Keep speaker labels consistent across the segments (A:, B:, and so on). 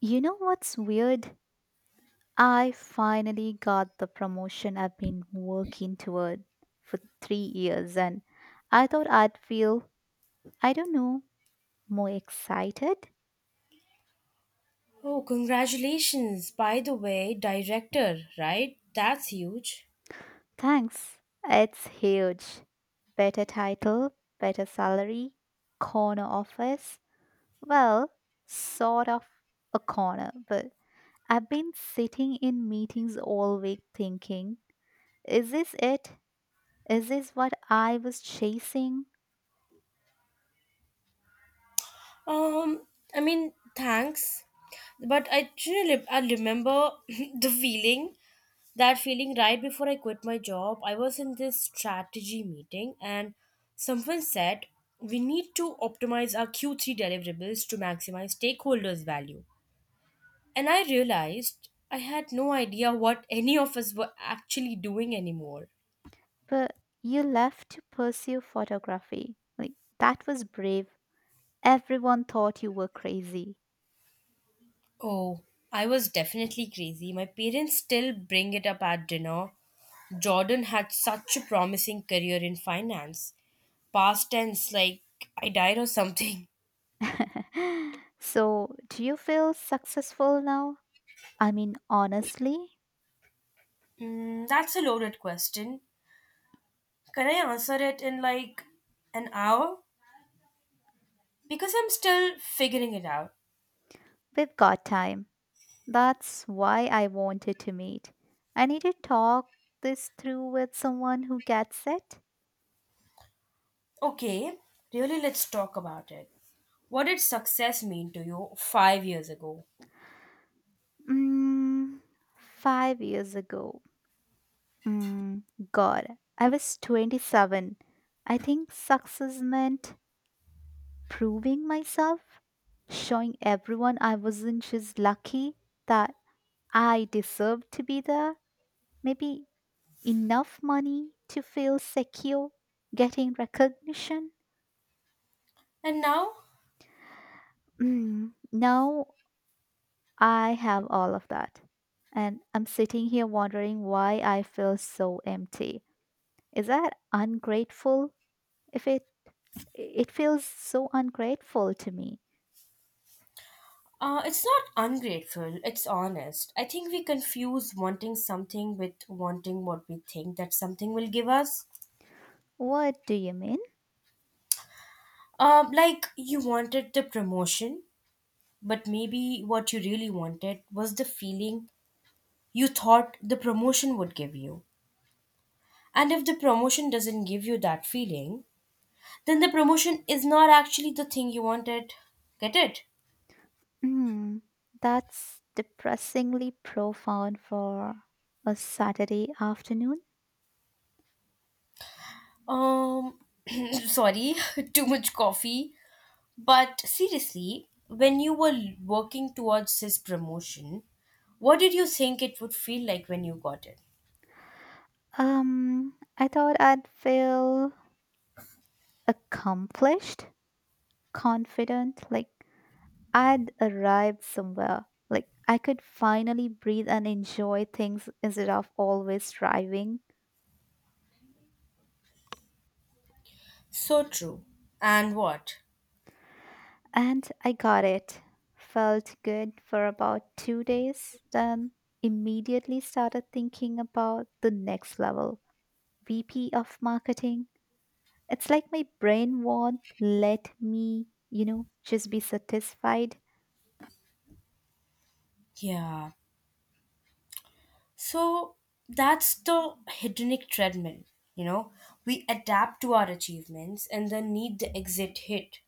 A: You know what's weird? I finally got the promotion I've been working toward for 3 years, and I thought I'd feel, I don't know, more excited.
B: Oh, congratulations, by the way, director, right? That's huge.
A: Thanks. It's huge. Better title, better salary, corner office. Well, sort of a corner, but I've been sitting in meetings all week thinking, is this it? Is this what I was chasing?
B: Um, I mean, thanks. But I remember the feeling, that feeling right before I quit my job. I was in this strategy meeting and someone said, we need to optimize our Q3 deliverables to maximize stakeholders' value. And I realized I had no idea what any of us were actually doing anymore.
A: But you left to pursue photography. Like, that was brave. Everyone thought you were crazy.
B: Oh, I was definitely crazy. My parents still bring it up at dinner. Jordan had such a promising career in finance. Past tense, like I died or something.
A: So, do you feel successful now? I mean, honestly,
B: Mm, that's a loaded question. Can I answer it in like an hour? Because I'm still figuring it out.
A: we've got time. That's why I wanted to meet. I need to talk this through with someone who gets it.
B: Okay, really, let's talk about it. What did success mean to you 5 years ago?
A: Mm, 5 years ago. Mm, God, I was 27. I think success meant proving myself, showing everyone I wasn't just lucky, that I deserved to be there. Maybe enough money to feel secure, getting recognition.
B: And now?
A: Mm, now I have all of that. And I'm sitting here wondering why I feel so empty. Is that ungrateful? If it it feels so ungrateful to me.
B: It's not ungrateful, it's honest. I think we confuse wanting something with wanting what we think that something will give us.
A: What do you mean?
B: Like you wanted the promotion, but maybe what you really wanted was the feeling you thought the promotion would give you. And if the promotion doesn't give you that feeling, then the promotion is not actually the thing you wanted. Get it?
A: Mm, that's depressingly profound for a Saturday afternoon.
B: Um, sorry, too much coffee. But seriously, when you were working towards this promotion, what did you think it would feel like when you got it?
A: I thought I'd feel accomplished, confident, like I'd arrived somewhere. Like I could finally breathe and enjoy things instead of always striving.
B: So true. And what?
A: And I got it. Felt good for about 2 days, then immediately started thinking about the next level, VP of marketing. It's like my brain won't let me, you know, just be satisfied.
B: Yeah. So that's the hedonic treadmill. You know, we adapt to our achievements and then need the exit hit.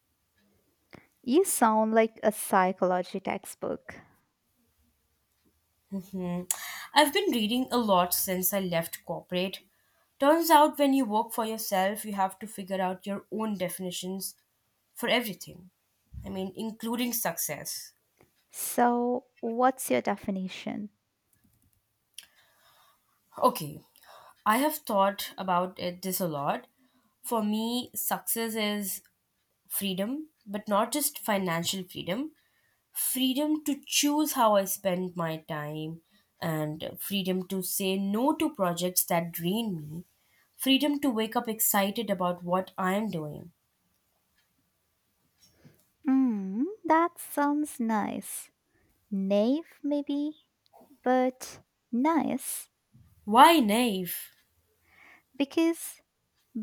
A: You sound like a psychology textbook.
B: Mhm. I've been reading a lot since I left corporate. Turns out when you work for yourself, you have to figure out your own definitions for everything. I mean, including success.
A: So, what's your definition?
B: Okay, I have thought about it this a lot. For me, success is freedom, but not just financial freedom, freedom to choose how I spend my time, and freedom to say no to projects that drain me, freedom to wake up excited about what I am doing.
A: Hmm, that sounds nice. Naive, maybe, but nice
B: Why naive?
A: because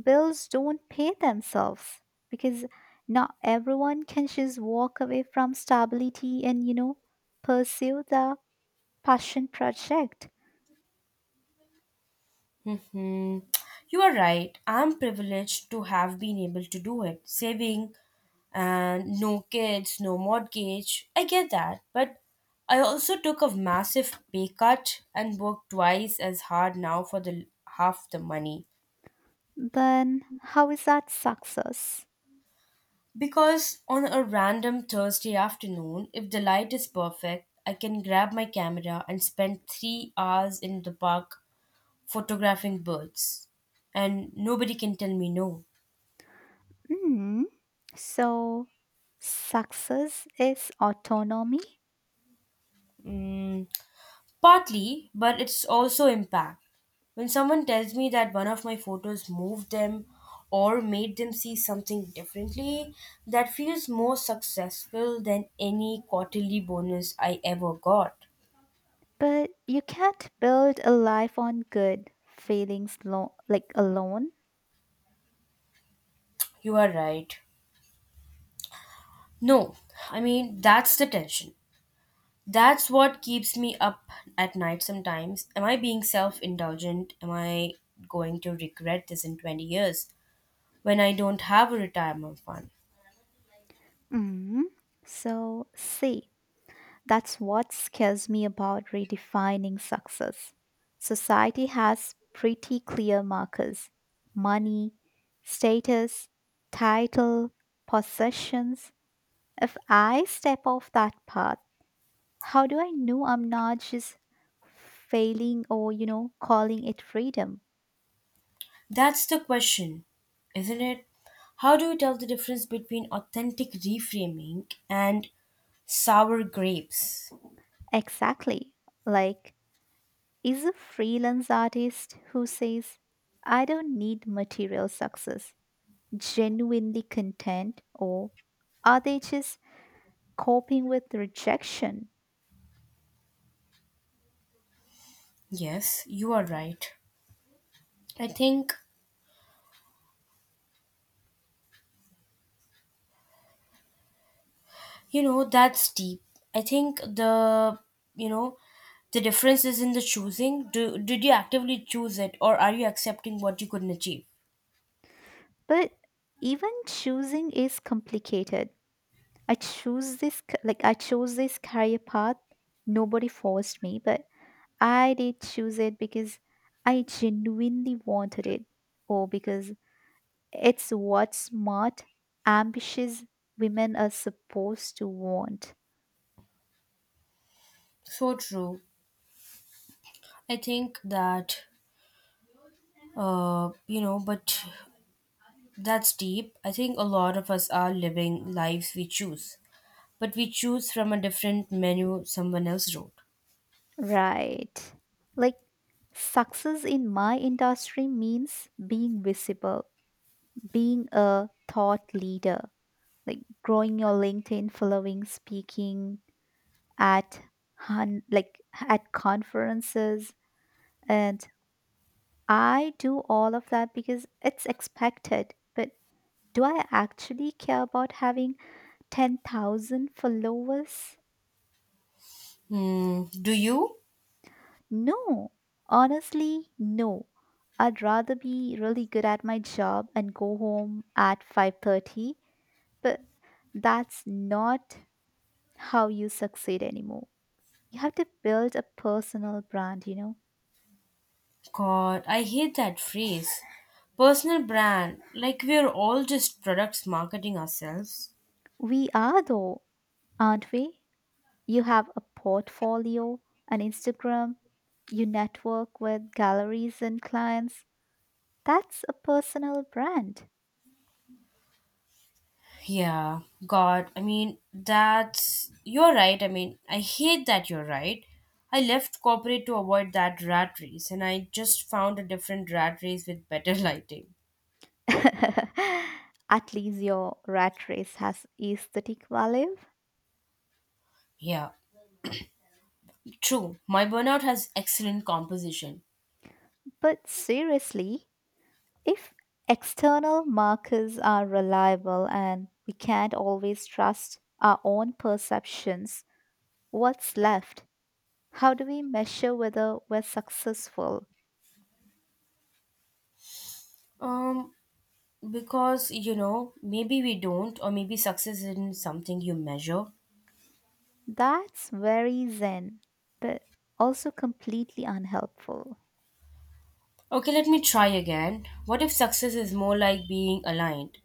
A: bills don't pay themselves. Because not everyone can just walk away from stability and, you know, pursue the passion project.
B: Hmm. You are right. I'm privileged to have been able to do it. Saving and no kids, no mortgage. I get that. But I also took a massive pay cut and worked twice as hard now for the half the money.
A: Then how is that success?
B: Because on a random Thursday afternoon, if the light is perfect, I can grab my camera and spend 3 hours in the park photographing birds. And nobody can tell me no.
A: Mm, so, success is autonomy,
B: Mm. Partly, but it's also impact. When someone tells me that one of my photos moved them or made them see something differently, that feels more successful than any quarterly bonus I ever got.
A: but you can't build a life on good feelings like alone.
B: You are right. No, I mean, that's the tension. That's what keeps me up at night sometimes. Am I being self indulgent? Am I going to regret this in 20 years when I don't have a retirement fund?
A: Mm, so, see, that's what scares me about redefining success. Society has pretty clear markers: money, status, title, possessions. If I step off that path, how do I know I'm not just failing or, you know, calling it freedom?
B: That's the question, isn't it? How do you tell the difference between authentic reframing and sour grapes?
A: Exactly. Like, is a freelance artist who says, I don't need material success, genuinely content, or are they just coping with rejection?
B: Yes, you are right. I think, you know, that's deep. I think you know, the difference is in the choosing. Did you actively choose it or are you accepting what you couldn't achieve?
A: But even choosing is complicated. I choose this, c- Like, I chose this career path. Nobody forced me, but I did choose it because I genuinely wanted it, or because it's what smart, ambitious women are supposed to want.
B: So true. I think that, you know, but that's deep. I think a lot of us are living lives we choose, but we choose from a different menu someone else wrote.
A: Right. Like, success in my industry means being visible, being a thought leader, like growing your LinkedIn following, speaking at like at conferences, and I do all of that because it's expected, but do I actually care about having 10,000 followers?
B: Hmm, do you?
A: No. Honestly, no. I'd rather be really good at my job and go home at 5:30, but that's not how you succeed anymore. You have to build a personal brand, you know.
B: God, I hate that phrase. Personal brand, like we're all just products marketing ourselves.
A: We are though, aren't we? You have a portfolio, an Instagram, you network with galleries and clients. That's a personal brand.
B: Yeah, God, I mean, that's. You're right. I mean, I hate that you're right. I left corporate to avoid that rat race, and I just found a different rat race with better lighting.
A: At least your rat race has aesthetic value.
B: Yeah, true. My burnout has excellent composition.
A: But seriously, if external markers are reliable and we can't always trust our own perceptions, what's left? How do we measure whether we're successful?
B: Um, because you know maybe we don't, or maybe success isn't something you measure.
A: That's very zen, but also completely unhelpful.
B: Okay, let me try again. What if success is more like being aligned,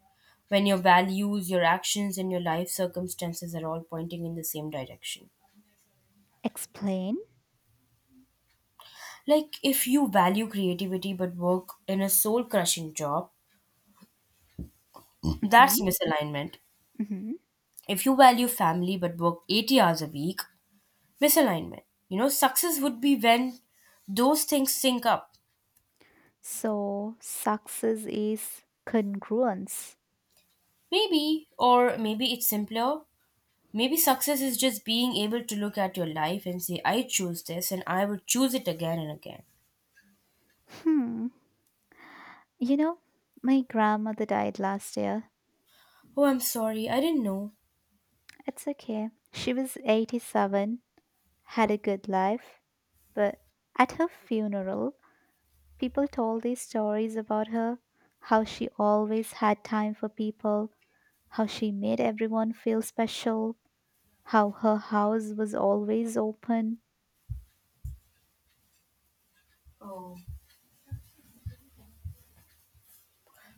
B: when your values, your actions and your life circumstances are all pointing in the same direction?
A: Explain.
B: Like if you value creativity but work in a soul crushing job,
A: Hmm.
B: that's misalignment.
A: Hmm.
B: If you value family but work 80 hours a week, misalignment. You know success would be when those things sync up.
A: So, success is congruence.
B: Maybe, or maybe it's simpler. Maybe success is just being able to look at your life and say, I choose this and I would choose it again and again.
A: Hmm. You know, my grandmother died last year.
B: Oh, I'm sorry, I didn't know.
A: It's okay. She was 87, had a good life, but at her funeral, people told these stories about her, how she always had time for people, how she made everyone feel special, how her house was always open.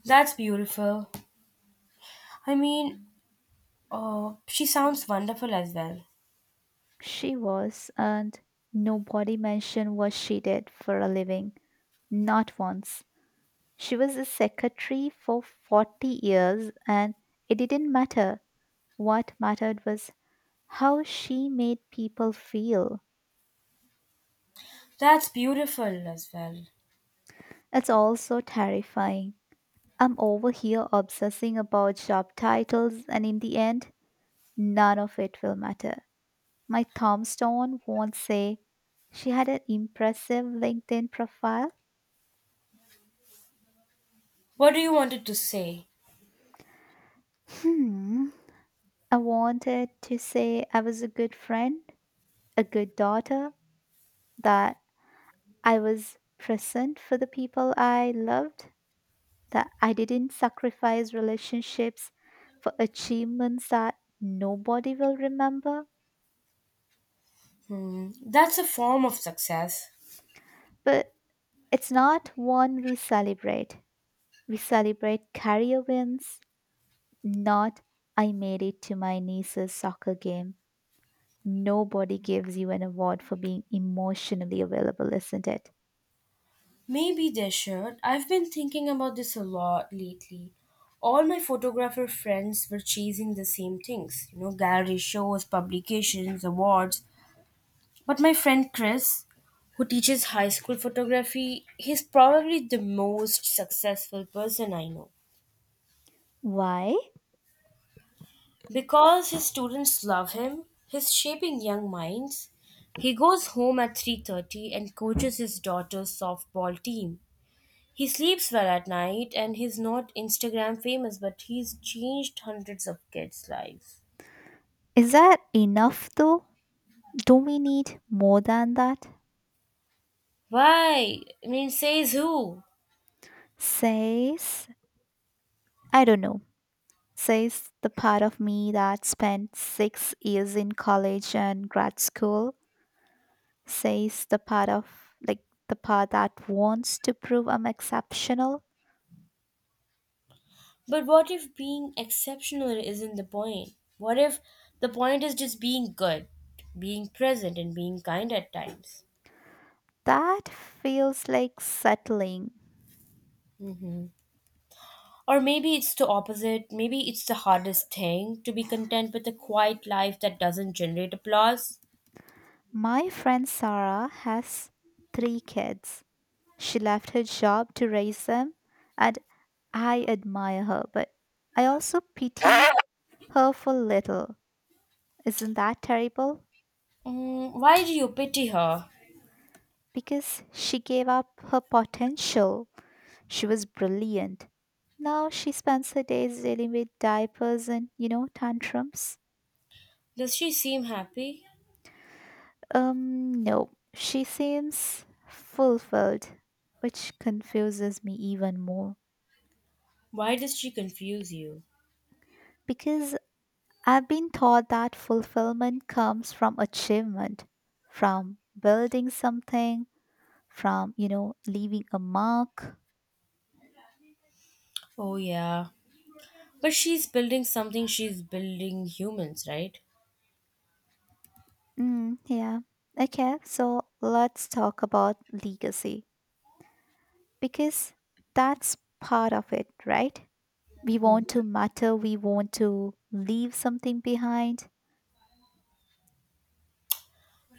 B: That's beautiful. I mean, oh, she sounds wonderful as well.
A: She was, and nobody mentioned what she did for a living. Not once. She was a secretary for 40 years, and it didn't matter. What mattered was how she made people feel.
B: That's beautiful as well.
A: It's all so terrifying. I'm over here obsessing about job titles, and in the end, none of it will matter. My tombstone won't say, she had an impressive LinkedIn profile.
B: What do you wanted to say?
A: Hmm. I wanted to say I was a good friend, a good daughter, that I was present for the people I loved, that I didn't sacrifice relationships for achievements that nobody will remember.
B: Hmm, that's a form of success.
A: But it's not one we celebrate. We celebrate career wins, not I made it to my niece's soccer game. Nobody gives you an award for being emotionally available, isn't it?
B: Maybe they should. I've been thinking about this a lot lately. All my photographer friends were chasing the same things, you know, gallery shows, publications, awards. But my friend Chris, who teaches high school photography, he's probably the most successful person I know.
A: Why?
B: Because his students love him, he's shaping young minds. He goes home at 3:30 and coaches his daughter's softball team. He sleeps well at night and he's not Instagram famous, but he's changed hundreds of kids' lives.
A: Is that enough though? Don't we need more than that?
B: Why? I mean, says who?
A: Says, I don't know, says the part of me that spent 6 years in college and grad school, says the part of, like, the part that wants to prove I'm exceptional.
B: But what if being exceptional isn't the point? What if the point is just being good, being present, and being kind at times?
A: That feels like settling.
B: Hmm. Or maybe it's the opposite. Maybe it's the hardest thing to be content with a quiet life that doesn't generate applause.
A: My friend Sarah has three kids. She left her job to raise them, and I admire her, but I also pity her for little. Isn't that terrible?
B: Mm, why do you pity her?
A: Because she gave up her potential. She was brilliant. Now she spends her days dealing with diapers and, you know, tantrums.
B: Does she seem happy?
A: No, she seems fulfilled, which confuses me even more
B: Why does she confuse you?
A: because I've been taught that fulfillment comes from achievement, from building something, from, you know, leaving a mark.
B: Oh, yeah. But she's building something, she's building humans, right?
A: Mm, yeah. Okay, so let's talk about legacy because that's part of it, right? We want to matter, we want to leave something behind.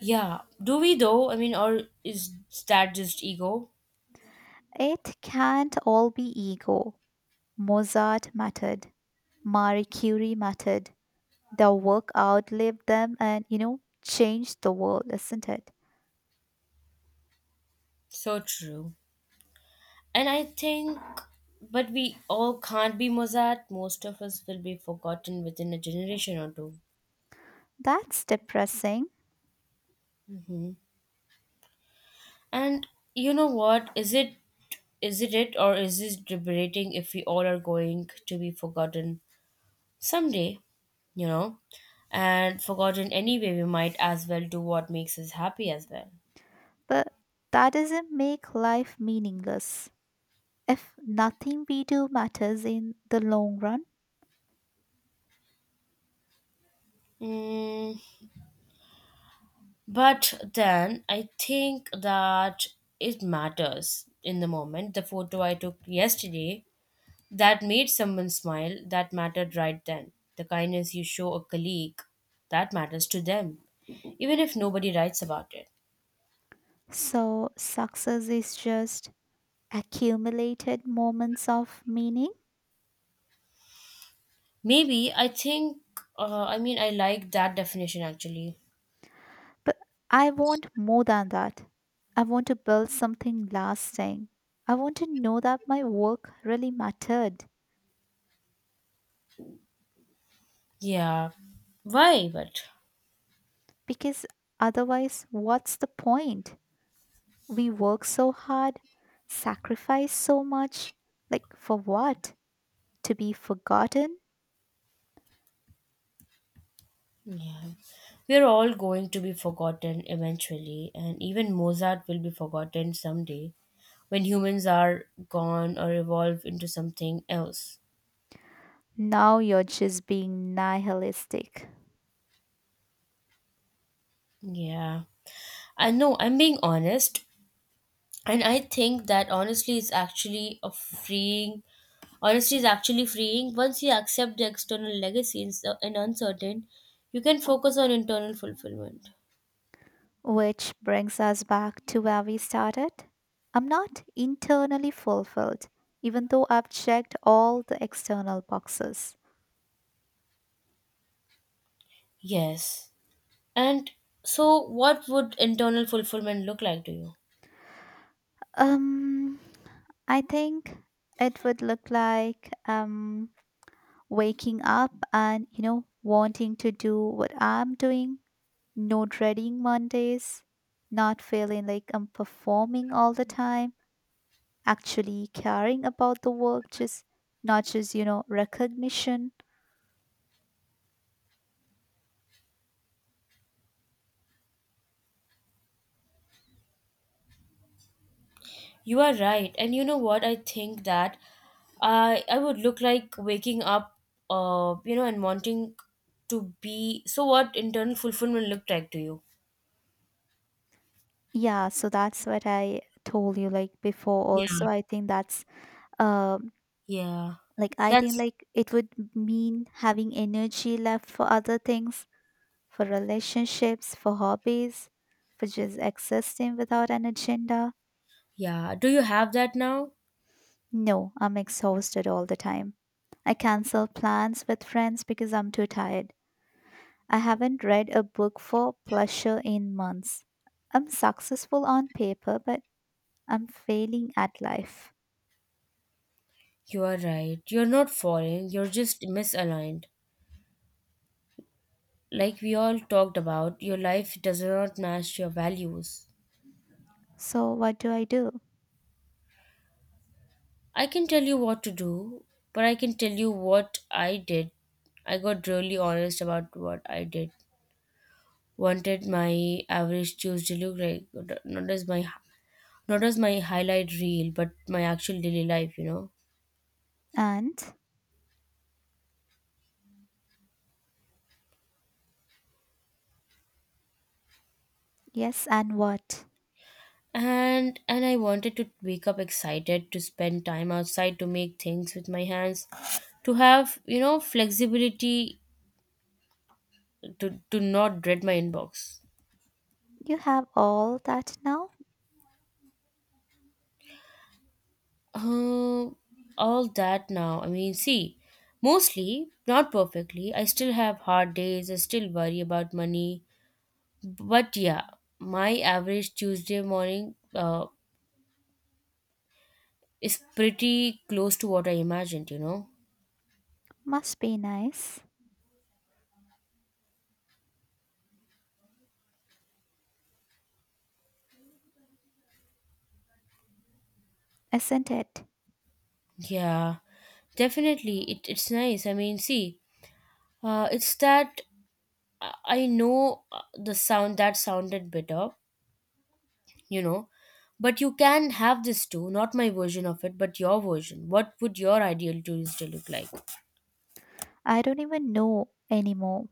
B: Yeah. Do we though? I mean, or is that just ego?
A: It can't all be ego. Mozart mattered, Marie Curie mattered, their work outlived them and, you know, changed the world, isn't it?
B: So true. And I think, but we all can't be Mozart. Most of us will be forgotten within a generation or two.
A: That's depressing,
B: Mm-hmm. And you know what? Is it or is this liberating if we all are going to be forgotten someday? You know, and forgotten anyway, we might as well do what makes us happy as well.
A: but that doesn't make life meaningless. If nothing we do matters in the long run,
B: Mm, but then I think that it matters in the moment. The photo I took yesterday that made someone smile that mattered right then. The kindness you show a colleague, that matters to them, even if nobody writes about it.
A: so success is just accumulated moments of meaning.
B: Maybe I think, I mean, I like that definition actually.
A: But I want more than that. I want to build something lasting. I want to know that my work really mattered
B: Yeah, why? But
A: because otherwise, what's the point? We work so hard, sacrifice so much. Like, for what? To be forgotten?
B: yeah, we're all going to be forgotten eventually, and even Mozart will be forgotten someday when humans are gone or evolve into something else.
A: Now you're just being nihilistic.
B: Yeah. I know I'm being honest, and I think that honestly is actually a freeing honestly is actually freeing once you accept the external legacy and uncertain, you can focus on internal fulfillment.
A: Which brings us back to where we started. I'm not internally fulfilled, even though I've checked all the external boxes.
B: Yes, and so what would internal fulfillment look like to you?
A: Um, I think it would look like waking up and you know wanting to do what I'm doing. No dreading Mondays, not feeling like I'm performing all the time, actually caring about the work, just not just recognition.
B: You are right, and you know what, I think that I would look like waking up, you know, and wanting to be. So what internal fulfillment looked like to you?
A: Yeah, so that's what I told you like before also.
B: Yeah,
A: I think that's um
B: yeah,
A: like I think
B: that's.
A: like it would mean having energy left for other things, for relationships, for hobbies, for just existing without an agenda.
B: Yeah, do you have that now?
A: No, I'm exhausted all the time. I cancel plans with friends because I'm too tired. I haven't read a book for pleasure in months. I'm successful on paper, but I'm failing at life.
B: You are right. You're not falling, you're just misaligned. Like we all talked about, your life does not match your values.
A: So, what do I do?
B: I can tell you what to do, but I can tell you what I did. I got really honest about what I did. Wanted my average Tuesday look like, not as my not as my highlight reel, but my actual daily life, you know.
A: And, yes, and what?
B: And I wanted to wake up excited, to spend time outside, to make things with my hands, to have you know flexibility, to not dread my inbox.
A: You have all that now?
B: uh, all that now, I mean see, mostly not perfectly. I still have hard days, I still worry about money, but yeah, my average Tuesday morning is pretty close to what I imagined, you know.
A: Must be nice, isn't it?
B: Yeah, definitely it's nice. I mean see, it's that I know the sound that sounded better, you know, but you can have this too, not my version of it, but your version. What would your ideal Tuesday look like?
A: I don't even know anymore.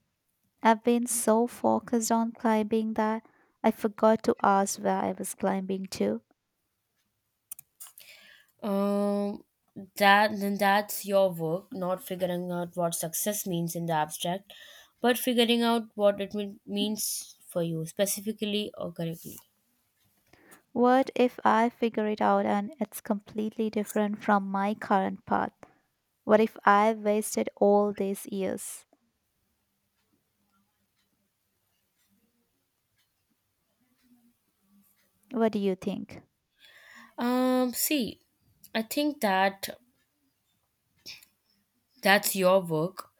A: I've been so focused on climbing that I forgot to ask where I was climbing to.
B: Um, that then that's your work, not figuring out what success means in the abstract, but figuring out what means for you specifically or correctly.
A: What if I figure it out and it's completely different from my current path? What if I wasted all these years? What do you think?
B: See, I think that that's your work,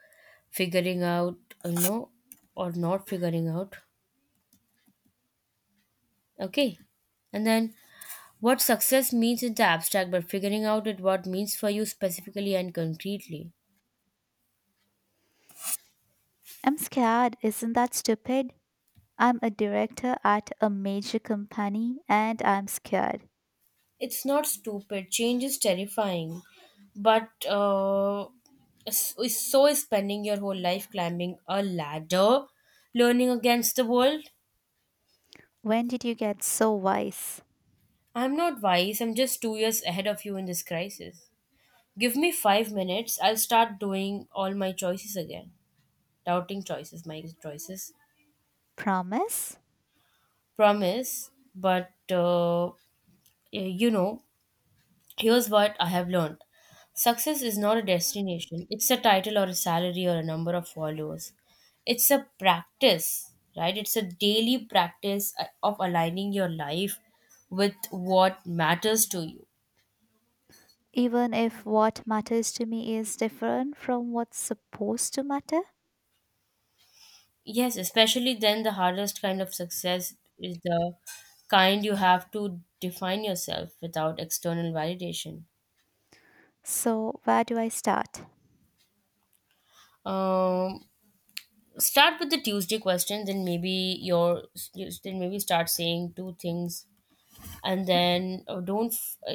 B: figuring out, you know, or not figuring out. Okay. And then what success means in the abstract, but figuring out it what means for you specifically and concretely.
A: I'm scared. Isn't that stupid? I'm a director at a major company and I'm scared.
B: It's not stupid. Change is terrifying. But s- so is spending your whole life climbing a ladder, learning against the world.
A: When did you get so wise?
B: I'm not wise, I'm just 2 years ahead of you in this crisis. Give me 5 minutes, I'll start doing all my choices again. Doubting choices, my choices.
A: Promise?
B: Promise. But you know, here's what I have learned: success is not a destination, it's a title or a salary or a number of followers. It's a practice, right? It's a daily practice of aligning your life with what matters to you.
A: Even if what matters to me is different from what's supposed to matter?
B: Yes, especially then, the hardest kind of success is the kind you have to define yourself without external validation.
A: So, where do I start?
B: Um, Start with the Tuesday question, then maybe start saying two things, and then don't f-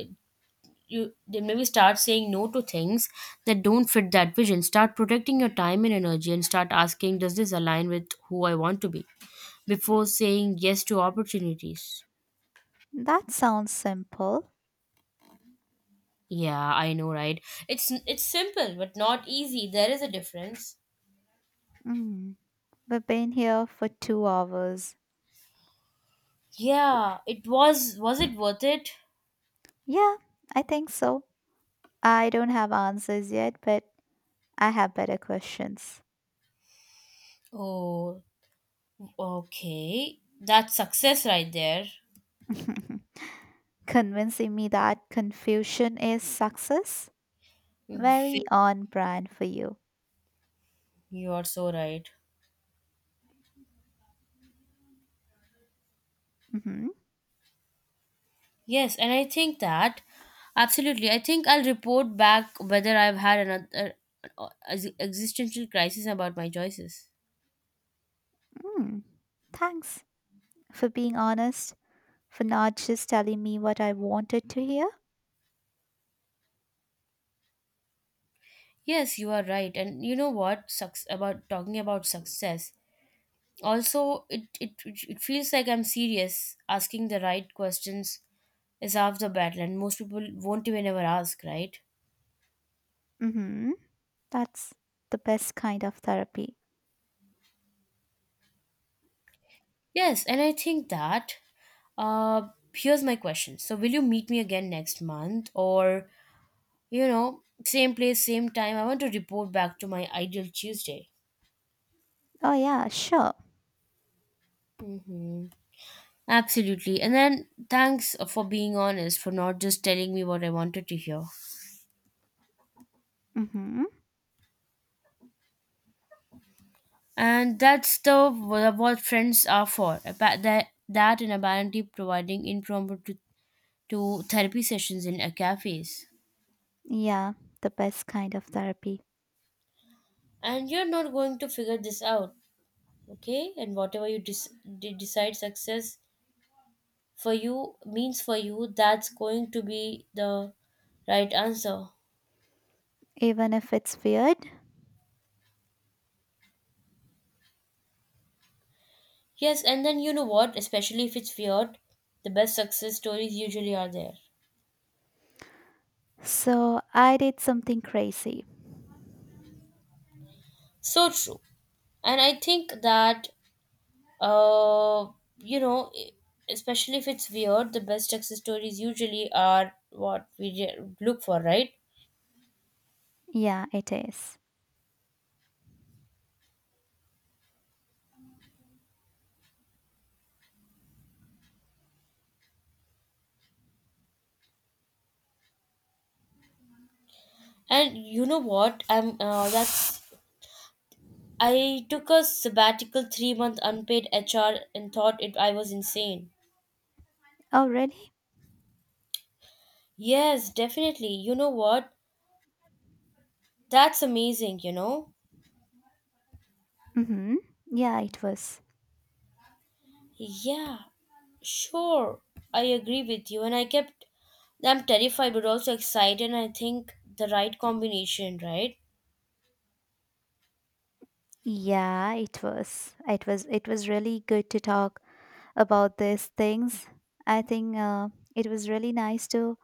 B: you then maybe start saying no to things that don't fit that vision. Start protecting your time and energy, and start asking, does this align with who I want to be? Before saying yes to opportunities.
A: That sounds simple.
B: Yeah, I know, right? It's simple, but not easy. There is a difference.
A: Mm. We've been here for 2 hours.
B: Yeah, it was it worth it?
A: Yeah, I think so. I don't have answers yet, but I have better questions.
B: Oh, okay, that's success right there.
A: Convincing me that confusion is success? Very
B: Mhm.
A: on brand for you.
B: You are so right.
A: Hmm.
B: Yes, and I think that absolutely. I think I'll report back whether I've had another existential crisis about my choices.
A: Mm. Thanks for being honest, for not just telling me what I wanted to hear.
B: Yes, you are right. And you know what? Suc About talking about success. Also, it feels like I'm serious. Asking the right questions is half the battle, and most people won't even ever ask, right?
A: Hmm. That's the best kind of therapy.
B: Yes, and I think that here's my question. So, will you meet me again next month, or you know, same place, same time? I want to report back to my ideal Tuesday.
A: Oh, yeah, sure.
B: Hmm. Absolutely, and then thanks for being honest, for not just telling me what I wanted to hear.
A: Mm-hmm.
B: And that's the what friends are for. About that and apparently providing impromptu to therapy sessions in a cafes.
A: Yeah, the best kind of therapy.
B: And you're not going to figure this out. Okay, and whatever you decide success for you means for you, that's going to be the right answer.
A: Even if it's weird.
B: Yes, and then you know what, especially if it's weird, the best success stories usually are there.
A: So, I did something crazy.
B: So true, and I think that uh you know e- especially if it's weird, the best success stories usually are what look for, right?
A: Yeah, it is.
B: And you know what, I took a sabbatical, 3 month unpaid HR, and thought it I was insane.
A: Oh, really?
B: Yes, definitely. You know what? That's amazing, you know?
A: Mm-hmm. Yeah, it was.
B: Yeah, sure. I agree with you. And I'm terrified but also excited and I think the right combination, right?
A: Yeah, it was. It was. It was really good to talk about these things. I think it was really nice to